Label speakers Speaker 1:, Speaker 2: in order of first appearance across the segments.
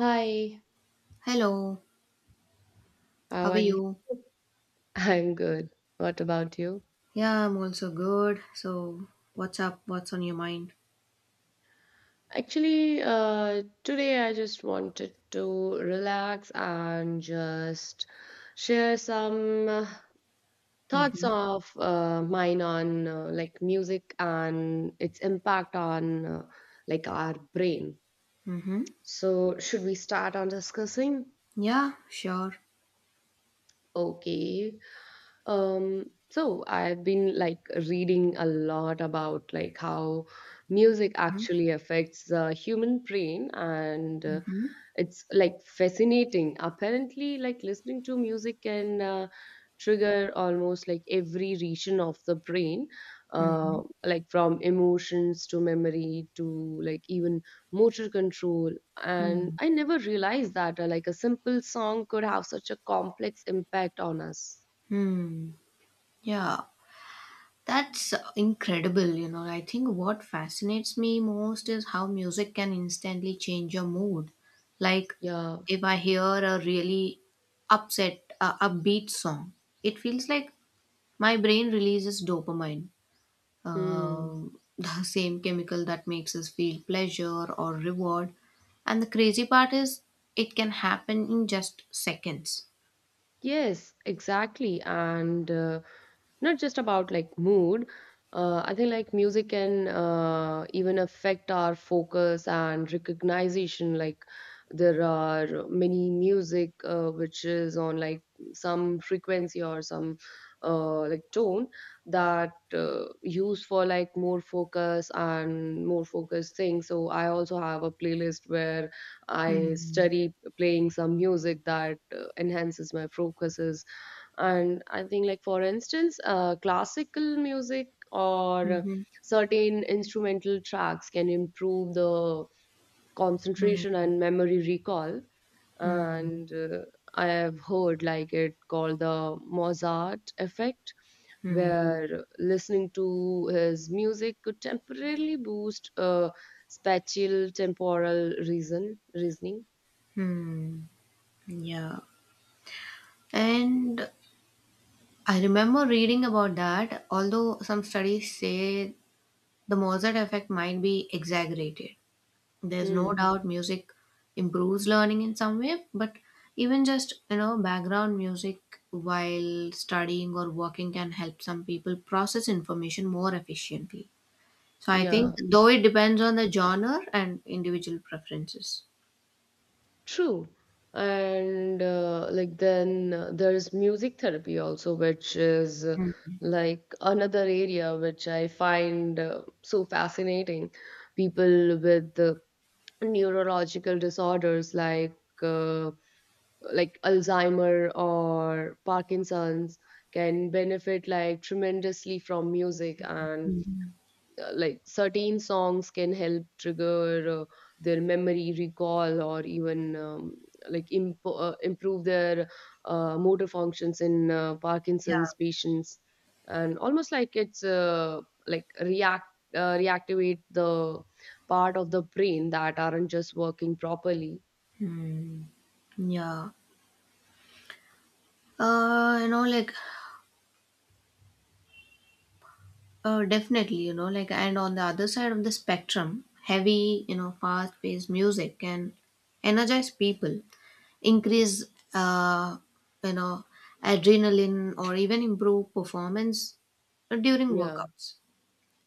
Speaker 1: Hi,
Speaker 2: Hello, how
Speaker 1: how
Speaker 2: are
Speaker 1: are you?
Speaker 2: you?
Speaker 1: I'm good. What about you?
Speaker 2: Yeah, I'm also good. So, what's up? What's on your mind?
Speaker 1: Actually, today I just wanted to relax and just share some thoughts
Speaker 2: Mm-hmm.
Speaker 1: of mine on like music and its impact on like our brain.
Speaker 2: Mm-hmm.
Speaker 1: So, should we start on discussing?
Speaker 2: Yeah, sure.
Speaker 1: Okay. Um, so I've been like reading a lot about like how music
Speaker 2: Mm-hmm.
Speaker 1: actually affects the human brain, and
Speaker 2: Mm-hmm.
Speaker 1: it's like fascinating. Apparently, like listening to music can trigger almost like every region of the brain, uh, like from emotions to memory to like even motor control. And
Speaker 2: Mm-hmm.
Speaker 1: I never realized that like a simple song could have such a complex impact on us.
Speaker 2: Hmm. Yeah, that's incredible. You know, I think what fascinates me most is how music can instantly change your mood. Like,
Speaker 1: Yeah.
Speaker 2: if I hear a really upbeat song, it feels like my brain releases dopamine.
Speaker 1: Hmm.
Speaker 2: The same chemical that makes us feel pleasure or reward. And the crazy part is, it can happen in just seconds.
Speaker 1: Yes, exactly. And not just about like mood. I think like music can even affect our focus and recognition. Like there are many music which is on like some frequency or some like tone that use for like more focus and more focused things. So I also have a playlist where I
Speaker 2: Hmm.
Speaker 1: study playing some music that enhances my focuses, and I think like for instance classical music or
Speaker 2: Mhm.
Speaker 1: certain instrumental tracks can improve the
Speaker 2: Hmm.
Speaker 1: concentration and memory recall.
Speaker 2: Hmm.
Speaker 1: And I have heard like it called the Mozart effect,
Speaker 2: Hmm.
Speaker 1: where listening to his music could temporarily boost spatial temporal reason reasoning.
Speaker 2: Hmm. Yeah. And I remember reading about that, although some studies say the Mozart effect might be exaggerated. There's no
Speaker 1: Hmm.
Speaker 2: doubt music improves learning in some way, but even just background music while studying or working can help some people process information more efficiently. So I
Speaker 1: Yeah.
Speaker 2: think though, it depends on the genre and individual preferences.
Speaker 1: True. And like then there's music therapy also, which is like another area which I find so fascinating. People with neurological disorders like Alzheimer or Parkinson's can benefit like tremendously from music, and
Speaker 2: Mm.
Speaker 1: like certain songs can help trigger their memory recall, or even like improve their motor functions in
Speaker 2: Yeah.
Speaker 1: Parkinson's patients, and almost like it's like reactivate the part of the brain that aren't just working properly.
Speaker 2: Yeah. Uh, you know, like Definitely, like, and on the other side of the spectrum, heavy, fast paced music can energize people, increase, uh, you know, adrenaline, or even improve performance during
Speaker 1: Yeah.
Speaker 2: workouts.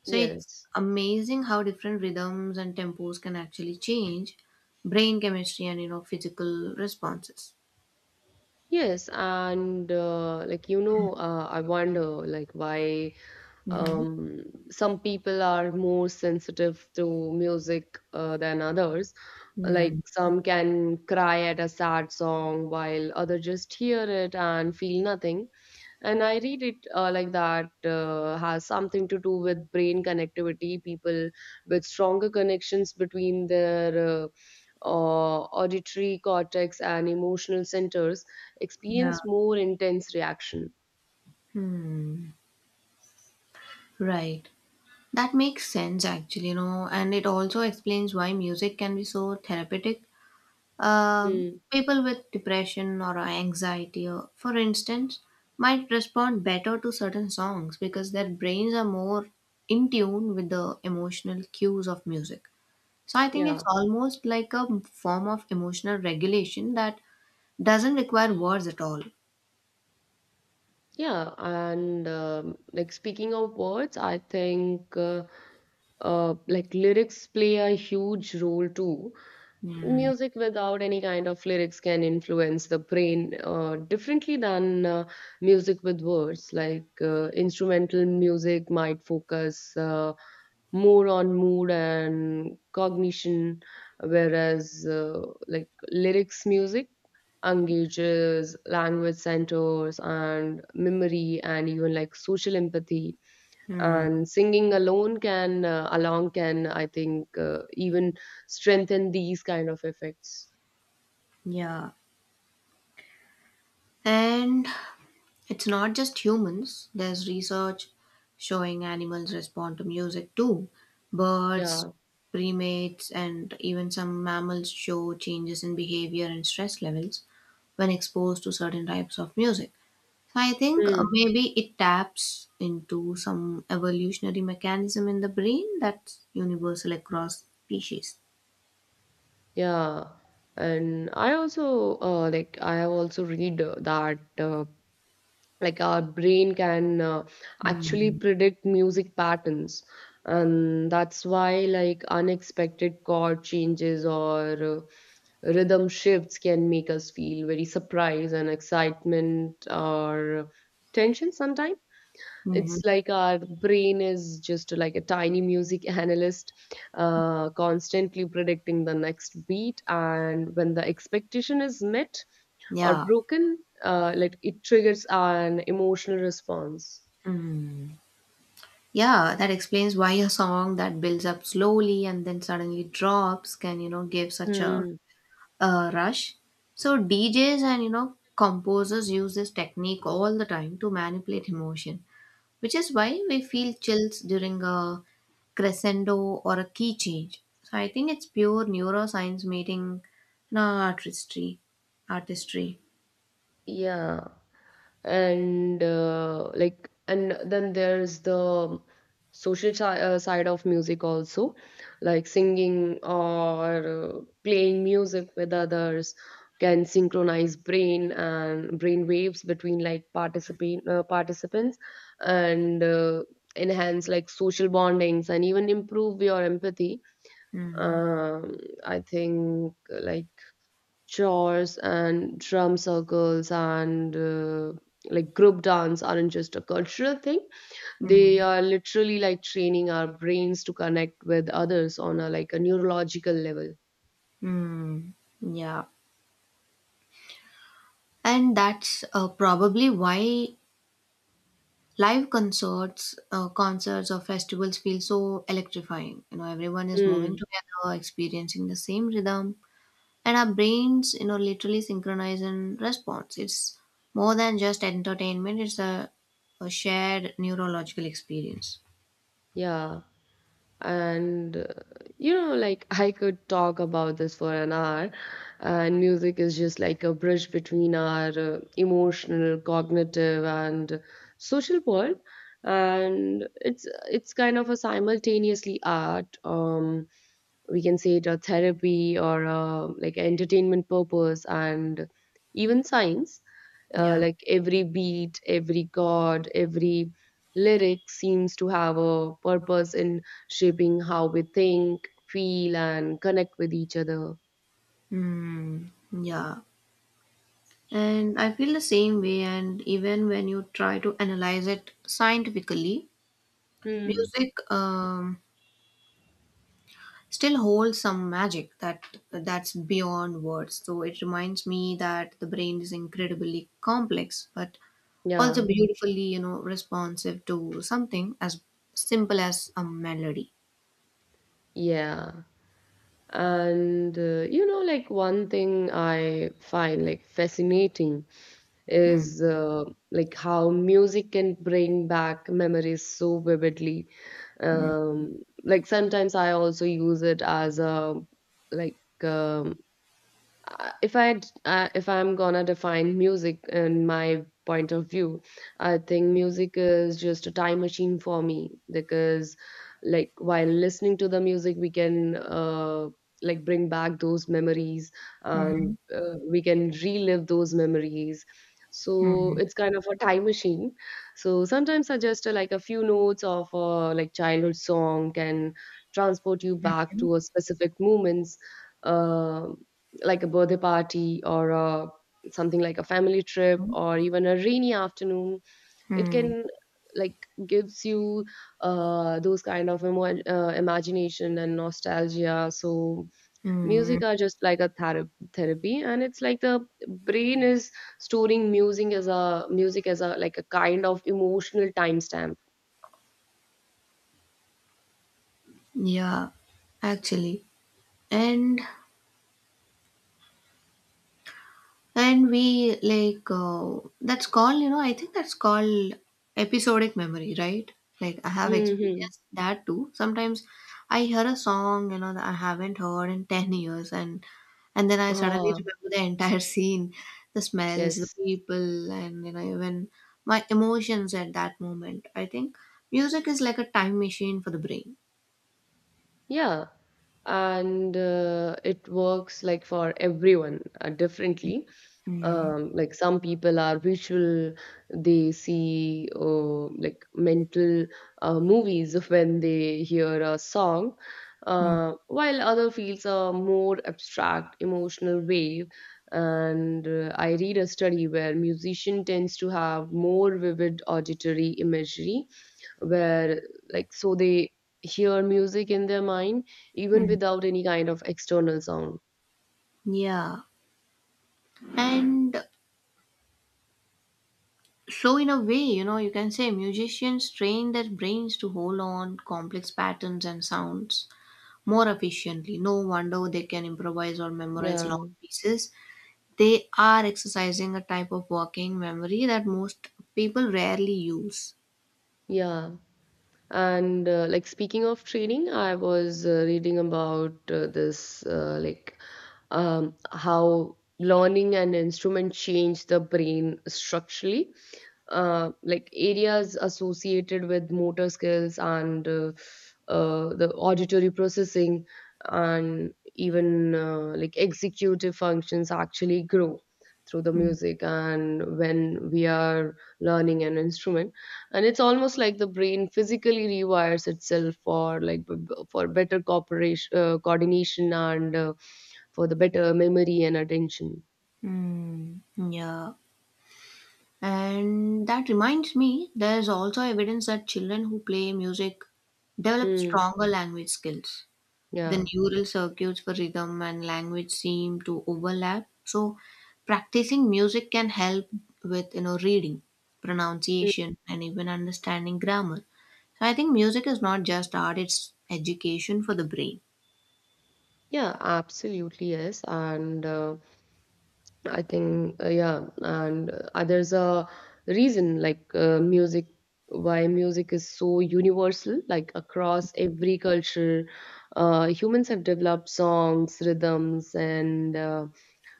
Speaker 2: So it's
Speaker 1: Yes.
Speaker 2: amazing how different rhythms and tempos can actually change brain chemistry and, physical responses.
Speaker 1: Yes. And like I wonder like why
Speaker 2: Mm-hmm.
Speaker 1: um, some people are more sensitive to music than others. Like some can cry at a sad song, while others just hear it and feel nothing. And I read it like that has something to do with brain connectivity. People with stronger connections between their auditory cortex and emotional centers
Speaker 2: Yeah.
Speaker 1: experience more intense reaction.
Speaker 2: Hmm. Right. That makes sense, actually, you know, and it also explains why music can be so therapeutic. Um,
Speaker 1: Mm,
Speaker 2: people with depression or anxiety, for instance, might respond better to certain songs because their brains are more in tune with the emotional cues of music. So I think it's
Speaker 1: yeah.
Speaker 2: almost like a form of emotional regulation that doesn't require words at all.
Speaker 1: Yeah, and like speaking of words, I think like lyrics play a huge role too.
Speaker 2: Hmm.
Speaker 1: Music without any kind of lyrics can influence the brain differently than music with words. Like instrumental music might focus. More on mood and cognition, whereas like lyrics music engages language centers and memory and even like social empathy,
Speaker 2: Hmm.
Speaker 1: and singing alone can along can I think even strengthen these kind of effects.
Speaker 2: Yeah. And It's not just humans, there's research showing animals respond to music too. Birds,
Speaker 1: Yeah.
Speaker 2: primates, and even some mammals show changes in behavior and stress levels when exposed to certain types of music. So I think
Speaker 1: Hmm.
Speaker 2: maybe it taps into some evolutionary mechanism in the brain that's universal across species.
Speaker 1: Yeah, and I also like I have also read that like our brain can actually
Speaker 2: Mm-hmm.
Speaker 1: predict music patterns, and that's why like unexpected chord changes or rhythm shifts can make us feel very surprise and excitement or tension sometimes. It's like our brain is just like a tiny music analyst, constantly predicting the next beat, and when the expectation is met or
Speaker 2: Yeah.
Speaker 1: broken, like it triggers an emotional response.
Speaker 2: Mhm. Yeah, that explains why a song that builds up slowly and then suddenly drops can, you know, give such
Speaker 1: Mm.
Speaker 2: a rush. So DJs and, composers use this technique all the time to manipulate emotion, which is why we feel chills during a crescendo or a key change. So I think it's pure neuroscience meeting, artistry. Artistry.
Speaker 1: Yeah, and like, and then there's the social si side of music also, like singing or playing music with others can synchronize brain and brain waves between like participants, and enhance like social bondings and even improve your empathy.
Speaker 2: Mm.
Speaker 1: Um, i think like chores and drum circles and like group dance aren't just a cultural thing. They
Speaker 2: Mm.
Speaker 1: are literally like training our brains to connect with others on a like a neurological level.
Speaker 2: Mm. Yeah. And that's probably why live concerts, concerts or festivals feel so electrifying. You know, everyone is moving
Speaker 1: Mm,
Speaker 2: together, experiencing the same rhythm, and our brains, literally synchronize in response. It's more than just entertainment; it's a shared neurological experience.
Speaker 1: yeah. And like I could talk about this for an hour, and music is just like a bridge between our emotional, cognitive and social world. And it's kind of a simultaneously art. We can say it a therapy or a, like entertainment purpose and even science. uh,
Speaker 2: Yeah.
Speaker 1: like every beat, every chord, every lyric seems to have a purpose in shaping how we think, feel, and connect with each other.
Speaker 2: Hmm. Yeah. And I feel the same way. And even when you try to analyze it scientifically,
Speaker 1: Hmm.
Speaker 2: music still holds some magic that that's beyond words. So it reminds me that the brain is incredibly complex, but
Speaker 1: Yeah,
Speaker 2: also beautifully, you know, responsive to something as simple as a melody.
Speaker 1: yeah. And like one thing I find like fascinating
Speaker 2: Hmm.
Speaker 1: is like how music can bring back memories so vividly.
Speaker 2: Hmm.
Speaker 1: Like sometimes I also use it as a like if I'm gonna define music in my point of view, I think music is just a time machine for me, because, like, while listening to the music, we can like bring back those memories,
Speaker 2: Mhm.
Speaker 1: and we can relive those memories.
Speaker 2: Hmm.
Speaker 1: So it's kind of a time machine. So sometimes I just like a few notes of like childhood song can transport you back
Speaker 2: Hmm.
Speaker 1: to a specific moments. Um like a birthday party or something like a family trip
Speaker 2: Hmm.
Speaker 1: or even a rainy afternoon. It
Speaker 2: Hmm. Hmm.
Speaker 1: can like gives you those kind of imagination and nostalgia. So
Speaker 2: Hmm.
Speaker 1: music are just like a therapy, and it's like the brain is storing music as a like a kind of emotional timestamp.
Speaker 2: Yeah, actually. And And we like that's called, I think that's called episodic memory, right? Like I have
Speaker 1: Hmm.
Speaker 2: experienced that too. Sometimes I hear a song, that I haven't heard in 10 years, and then I suddenly
Speaker 1: Ah.
Speaker 2: remember the entire scene, the smells, the
Speaker 1: Yes.
Speaker 2: people, and you know, even my emotions at that moment. I think music is like a time machine for the brain.
Speaker 1: Yeah, and it works like for everyone differently.
Speaker 2: Mm.
Speaker 1: Like some people are visual. They see like mental movies when they hear a song,
Speaker 2: Mm.
Speaker 1: while other feels a more abstract emotional wave. And I read a study where musician tends to have more vivid auditory imagery where like so they hear music in their mind even
Speaker 2: Mm.
Speaker 1: without any kind of external sound.
Speaker 2: Yeah. And So, in a way, you know, you can say musicians train their brains to hold on complex patterns and sounds more efficiently. No wonder they can improvise or memorize
Speaker 1: Yeah.
Speaker 2: long pieces. They are exercising a type of working memory that most people rarely use.
Speaker 1: Yeah, and like speaking of training, I was reading about this like how learning an instrument change the brain structurally. Like areas associated with motor skills and the auditory processing, and even like executive functions actually grow through the
Speaker 2: Mm.
Speaker 1: music and when we are learning an instrument. And it's almost like the brain physically rewires itself for like for better cooperation coordination and for the better memory and attention.
Speaker 2: Mm. Yeah. And that reminds me, there's also evidence that children who play music develop
Speaker 1: Hmm.
Speaker 2: stronger language skills.
Speaker 1: Yeah.
Speaker 2: The neural circuits for rhythm and language seem to overlap, so practicing music can help with, you know, reading, pronunciation, and even understanding grammar. So I think music is not just art, it's education for the brain.
Speaker 1: Yeah, absolutely, yes. And I think, yeah, and there's a reason like why music is so universal, like across every culture. Humans have developed songs, rhythms, and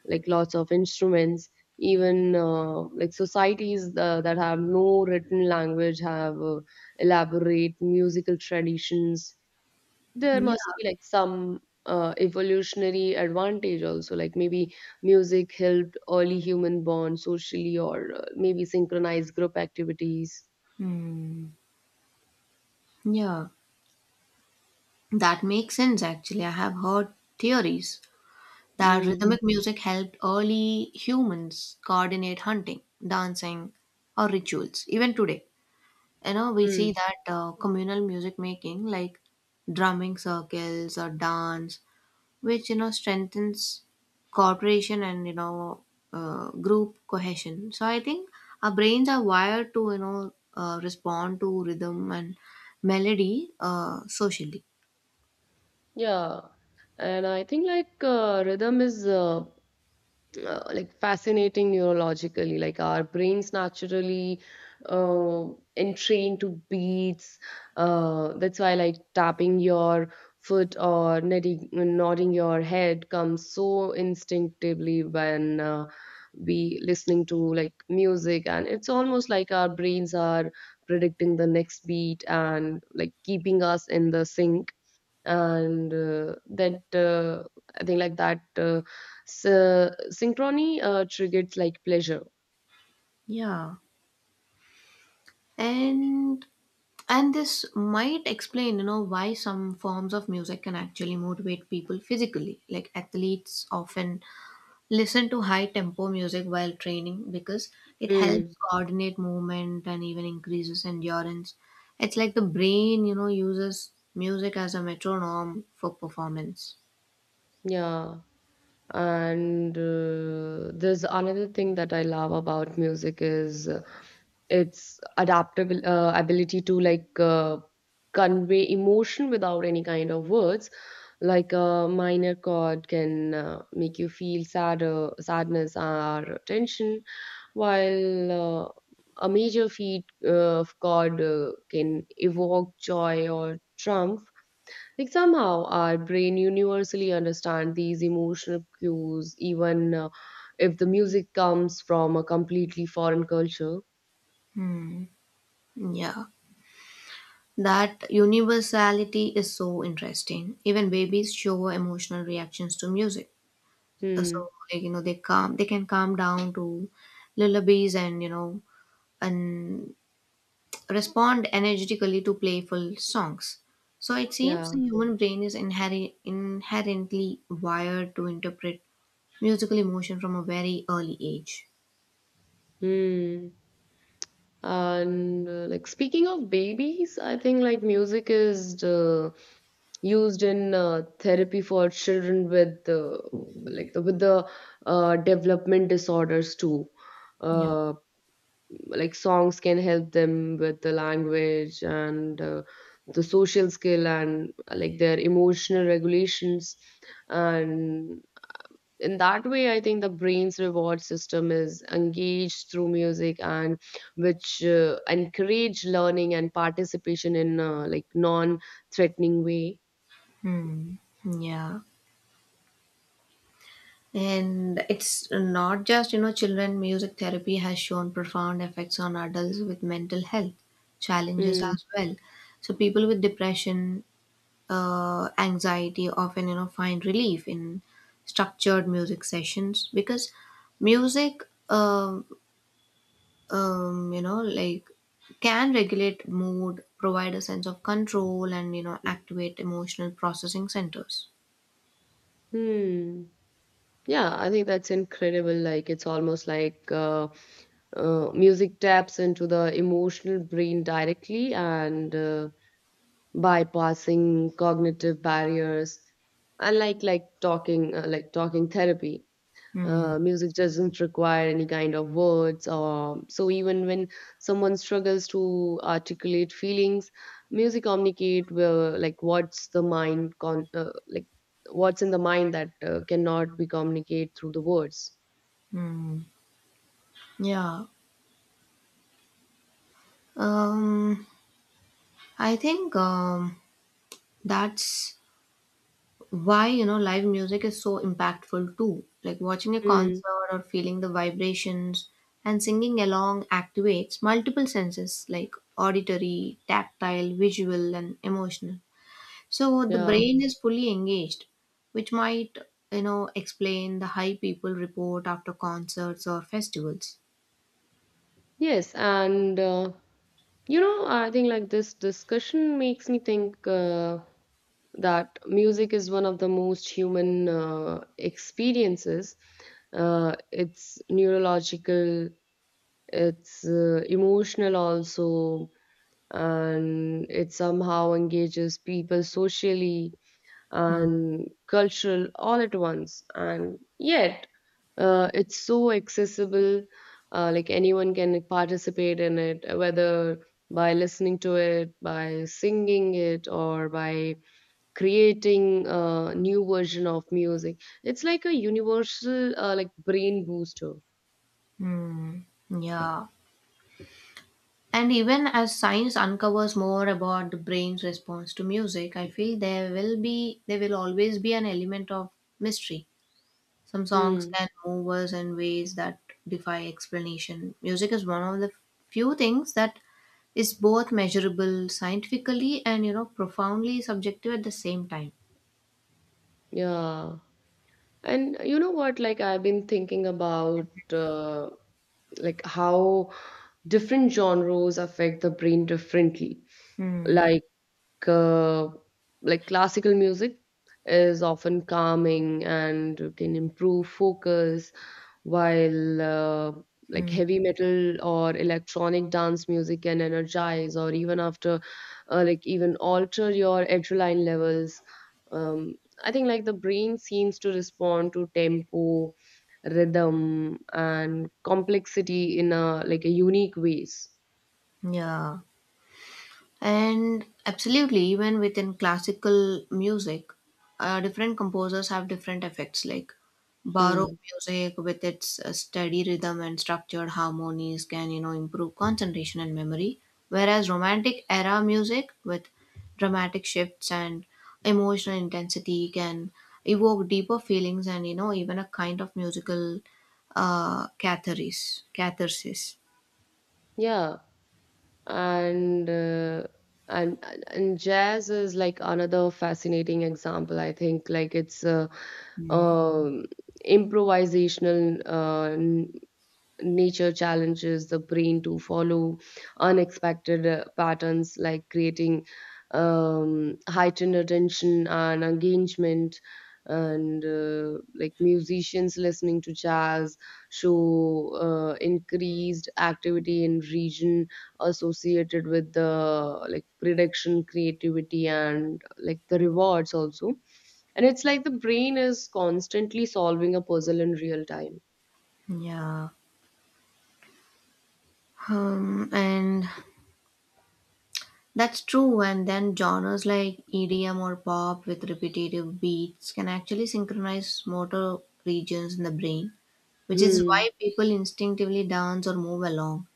Speaker 1: like lots of instruments. Even like societies that have no written language have elaborate musical traditions. There must
Speaker 2: Yeah.
Speaker 1: be like some evolutionary advantage also, like maybe music helped early human bond socially, or maybe synchronized group activities.
Speaker 2: Hmm. Yeah, that makes sense, actually. I have heard theories that
Speaker 1: Mm.
Speaker 2: rhythmic music helped early humans coordinate hunting, dancing, or rituals. Even today, you know, we see that communal music making, like drumming circles or dance, which, you know, strengthens cooperation and, you know, group cohesion. So I think our brains are wired to, you know, respond to rhythm and melody socially.
Speaker 1: Yeah, and I think like rhythm is like fascinating neurologically. Like our brains naturally uh, entrain to beats. That's why like tapping your foot or nodding your head comes so instinctively when we listening to like music, and it's almost like our brains are predicting the next beat and like keeping us in the sync. And that I think like that synchrony triggers like pleasure.
Speaker 2: Yeah. And and this might explain, you know, why some forms of music can actually motivate people physically. Like athletes often listen to high tempo music while training because it
Speaker 1: Mm,
Speaker 2: helps coordinate movement and even increases endurance. It's like the brain, you know, uses music as a metronome for performance.
Speaker 1: yeah. And there's another thing that I love about music is its adaptable ability to like convey emotion without any kind of words. Like a minor chord can make you feel sadness or tension, while a major feat of chord can evoke joy or triumph. Like somehow our brain universally understand these emotional cues, even if the music comes from a completely foreign culture.
Speaker 2: Hmm. Yeah. That universality is so interesting. Even babies show emotional reactions to music. So,
Speaker 1: Hmm.
Speaker 2: like, you know, they can calm down to lullabies and, you know, and respond energetically to playful songs. So it seems
Speaker 1: Yeah.
Speaker 2: the human brain is inherently wired to interpret musical emotion from a very early age.
Speaker 1: Hmm. And like speaking of babies, I think like music is used in therapy for children with with the development disorders too.
Speaker 2: Yeah.
Speaker 1: Uh, like songs can help them with the language and the social skill and like their emotional regulations. And in that way I think the brain's reward system is engaged through music, and which encourage learning and participation in like non threatening way.
Speaker 2: Hmm. Yeah. And it's not just, you know, children, music therapy has shown profound effects on adults with mental health challenges
Speaker 1: Hmm.
Speaker 2: as well. So people with depression, anxiety often, you know, find relief in structured music sessions because music, um, you know, like, can regulate mood, provide a sense of control, and, you know, activate emotional processing centers.
Speaker 1: Hmm. Yeah, I think that's incredible. Like it's almost like music taps into the emotional brain directly, and bypassing cognitive barriers. And like talking talking therapy,
Speaker 2: Hmm.
Speaker 1: music doesn't require any kind of words or so, even when someone struggles to articulate feelings, music communicate well, like what's in the mind that cannot be communicated through the words.
Speaker 2: Hmm. Yeah. um I think, that's why, you know, live music is so impactful too. Like watching a
Speaker 1: Mm.
Speaker 2: concert or feeling the vibrations and singing along activates multiple senses, like auditory, tactile, visual, and emotional. So the
Speaker 1: Yeah.
Speaker 2: brain is fully engaged, which might, you know, explain the high people report after concerts or festivals.
Speaker 1: Yes, and I think like this discussion makes me think that music is one of the most human experiences. It's neurological, it's emotional also, and it somehow engages people socially
Speaker 2: Hmm.
Speaker 1: and cultural all at once. And yet, it's so accessible, like anyone can participate in it, whether by listening to it, by singing it, or by creating a new version of music. It's like a universal, like brain booster.
Speaker 2: Hmm. Yeah. And even as science uncovers more about the brain's response to music, I feel there will always be an element of mystery. Some songs
Speaker 1: Hmm.
Speaker 2: can move us in ways that defy explanation. Music is one of the few things that is both measurable scientifically and, you know, profoundly subjective at the same time.
Speaker 1: Yeah. And you know what? Like I've been thinking about uh, like how different genres affect the brain differently.
Speaker 2: Hmm.
Speaker 1: Like uh, like classical music is often calming and can improve focus while like heavy metal or electronic dance music can energize or even after like even alter your adrenaline levels. um, I think like the brain seems to respond to tempo, rhythm and complexity in a like a unique ways.
Speaker 2: Yeah. And absolutely, even within classical music, different composers have different effects. Like
Speaker 1: Hmm.
Speaker 2: Baroque music, with its steady rhythm and structured harmonies, can, you know, improve concentration and memory. Whereas Romantic era music, with dramatic shifts and emotional intensity, can evoke deeper feelings and, you know, even a kind of musical catharsis. Catharsis.
Speaker 1: Yeah, and uh, and jazz is like another fascinating example. I think like it's a
Speaker 2: Mm.
Speaker 1: um improvisational uh, nature challenges the brain to follow unexpected patterns, like creating heightened attention and engagement. And like musicians listening to jazz show increased activity in region associated with the like prediction, creativity and like the rewards also. And it's like the brain is constantly solving a puzzle in real time.
Speaker 2: Yeah. And That's true, and then genres like EDM or pop with repetitive beats can actually synchronize motor regions in the brain, which is
Speaker 1: Hmm.
Speaker 2: why people instinctively dance or move along.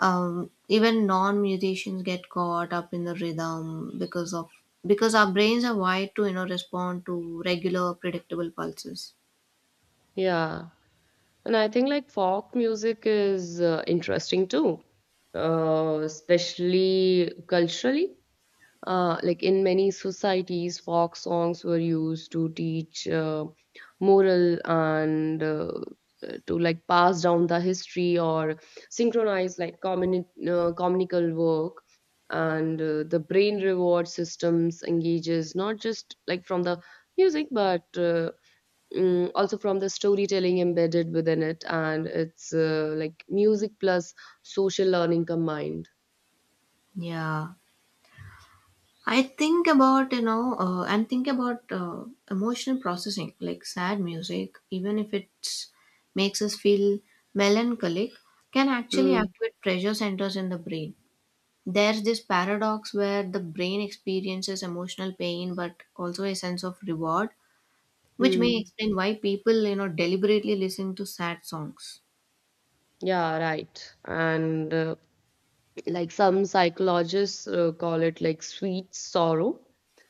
Speaker 2: Even non-musicians get caught up in the rhythm because our brains are wired to, you know, respond to regular predictable pulses.
Speaker 1: Yeah. And I think like folk music is interesting too, especially culturally. Like in many societies, folk songs were used to teach moral and to like pass down the history or synchronize like communical work. And the brain reward systems engages not just like from the music, but also from the storytelling embedded within it. And it's like music plus social learning combined.
Speaker 2: Yeah. I think about, you know, and think about, emotional processing, like sad music, even if it makes us feel melancholic, can actually
Speaker 1: Mm.
Speaker 2: activate pressure centers in the brain. There's this paradox where the brain experiences emotional pain, but also a sense of reward, which may
Speaker 1: Hmm.
Speaker 2: explain why people, you know, deliberately listen to sad songs.
Speaker 1: Yeah, right. And like some psychologists call it like sweet sorrow,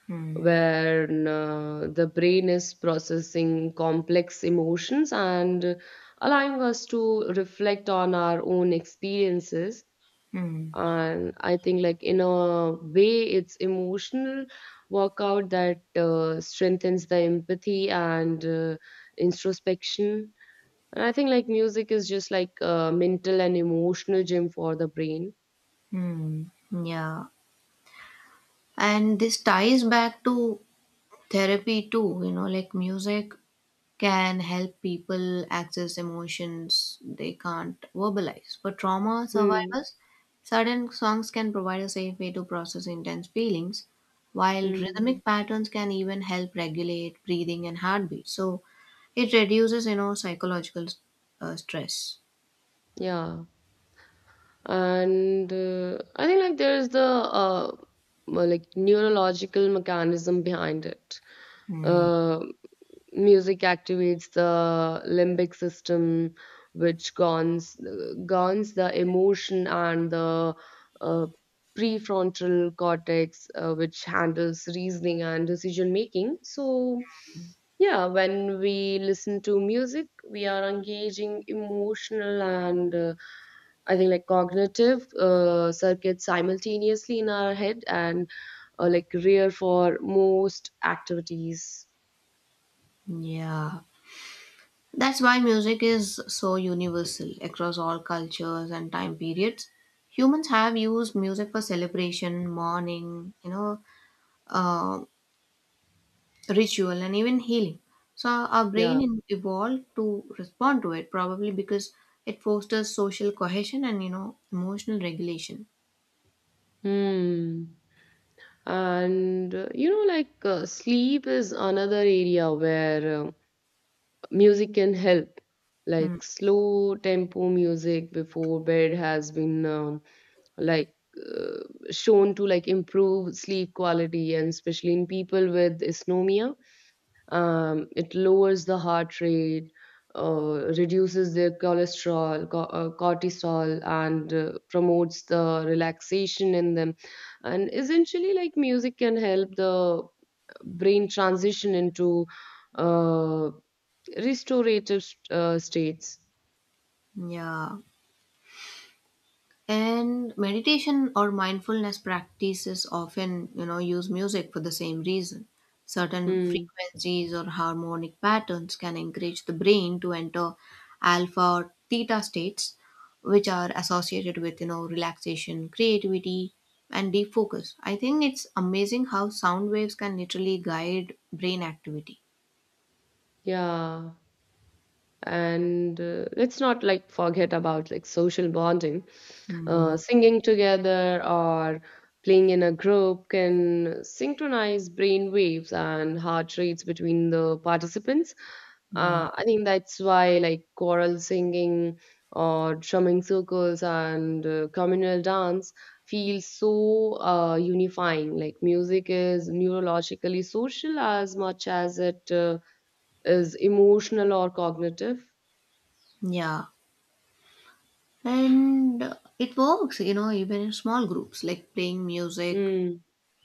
Speaker 2: Hmm.
Speaker 1: where the brain is processing complex emotions and allowing us to reflect on our own experiences.
Speaker 2: Hmm.
Speaker 1: And I think like in a way it's emotional workout that strengthens the empathy and introspection. And I think like music is just like a mental and emotional gym for the brain.
Speaker 2: Hmm. Yeah. And this ties back to therapy too, you know, like music can help people access emotions they can't verbalize. For trauma
Speaker 1: Hmm.
Speaker 2: survivors, certain songs can provide a safe way to process intense feelings, while
Speaker 1: Hmm.
Speaker 2: rhythmic patterns can even help regulate breathing and heartbeat. So it reduces, you know, psychological stress.
Speaker 1: Yeah, and I think like there is the like neurological mechanism behind it.
Speaker 2: Hmm.
Speaker 1: uh, Music activates the limbic system, which guns the emotion and the uh, prefrontal cortex, which handles reasoning and decision making. So, yeah, when we listen to music, we are engaging emotional and I think like cognitive circuits simultaneously in our head and like rare for most activities.
Speaker 2: Yeah. That's why music is so universal across all cultures and time periods. Humans have used music for celebration, mourning, uh, ritual, and even healing. So our brain
Speaker 1: Yeah.
Speaker 2: evolved to respond to it, probably because it fosters social cohesion and, you know, emotional regulation.
Speaker 1: Hmm. And you know, like sleep is another area where music can help.
Speaker 2: Mm.
Speaker 1: Like slow tempo music before bed has been like uh, shown to like improve sleep quality, and especially in people with insomnia. It lowers the heart rate, reduces their cholesterol, cortisol, and promotes the relaxation in them. And essentially, like music can help the brain transition into uh, restorative states.
Speaker 2: Yeah. And meditation or mindfulness practices often, you know, use music for the same reason. Certain
Speaker 1: Hmm.
Speaker 2: frequencies or harmonic patterns can encourage the brain to enter alpha or theta states, which are associated with, you know, relaxation, creativity, and deep focus. I think it's amazing how sound waves can literally guide brain activity.
Speaker 1: Yeah. And let's not like forget about like social bonding.
Speaker 2: Hmm.
Speaker 1: Singing together or playing in a group can synchronize brain waves and heart rates between the participants.
Speaker 2: Hmm.
Speaker 1: I think that's why like choral singing or drumming circles and communal dance feel so unifying. Like music is neurologically social as much as it is emotional or cognitive.
Speaker 2: Yeah. And it works, you know, even in small groups, like playing music
Speaker 1: Mm,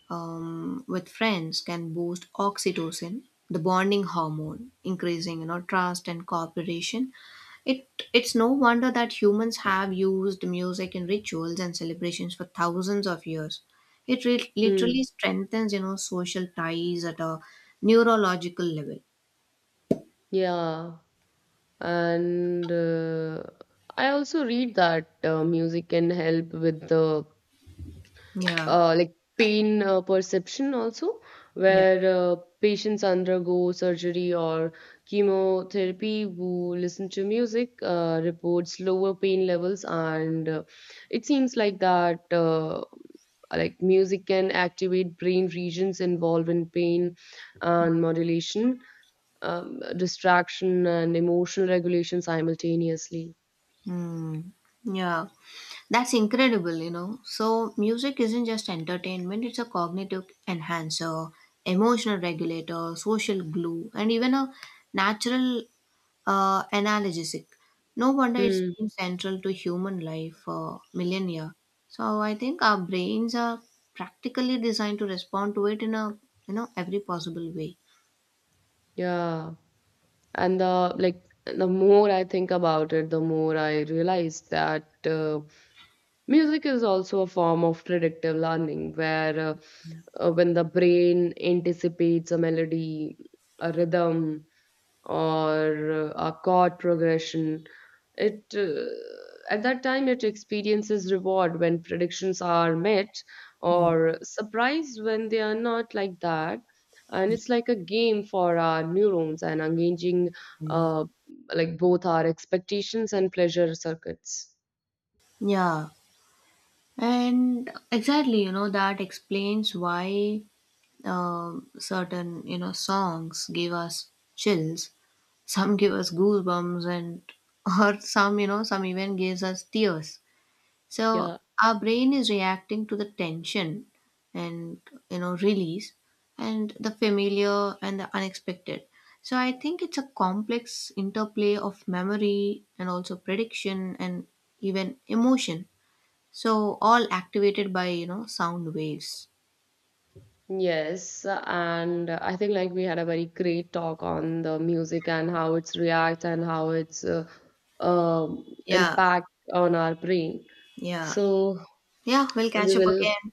Speaker 2: with friends can boost oxytocin, the bonding hormone, increasing, you know, trust and cooperation. It it's no wonder that humans have used music in rituals and celebrations for thousands of years. It
Speaker 1: mm,
Speaker 2: literally strengthens, you know, social ties at a neurological level.
Speaker 1: yeah. And I also read that music can help with the
Speaker 2: Yeah.
Speaker 1: like pain perception also,
Speaker 2: Yeah.
Speaker 1: where patients undergo surgery or chemotherapy who listen to music reports lower pain levels. And it seems like that like music can activate brain regions involved in pain and modulation. Distraction and emotional regulation simultaneously.
Speaker 2: Mm. Yeah. That's incredible, you know. So, music isn't just entertainment, it's a cognitive enhancer, emotional regulator, social glue, and even a natural analgesic. No wonder it's
Speaker 1: Hmm.
Speaker 2: been central to human life for millennia. So, I think our brains are practically designed to respond to it in a, you know, every possible way.
Speaker 1: Yeah. And the like the more I think about it, the more I realize that music is also a form of predictive learning, where when the brain anticipates a melody, a rhythm, or a chord progression, it at that time it experiences reward when predictions are met,
Speaker 2: Hmm.
Speaker 1: or surprise when they are not like that. And it's like a game for our neurons and engaging uh, like both our expectations and pleasure circuits.
Speaker 2: Yeah, and exactly, you know, that explains why. Um, certain, you know, songs give us chills, some give us goosebumps and or some, you know, some even gives us tears. So
Speaker 1: Yeah.
Speaker 2: our brain is reacting to the tension and, you know, release, and the familiar and the unexpected. So I think it's a complex interplay of memory and also prediction and even emotion, so all activated by, you know, sound waves.
Speaker 1: Yes, and I think like we had a very great talk on the music and how it's react and how it's
Speaker 2: Yeah.
Speaker 1: impact on our brain.
Speaker 2: Yeah.
Speaker 1: So
Speaker 2: Yeah, we'll
Speaker 1: we
Speaker 2: catch up
Speaker 1: will,
Speaker 2: again.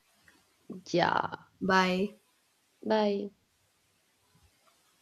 Speaker 1: yeah.
Speaker 2: Bye.
Speaker 1: Bye.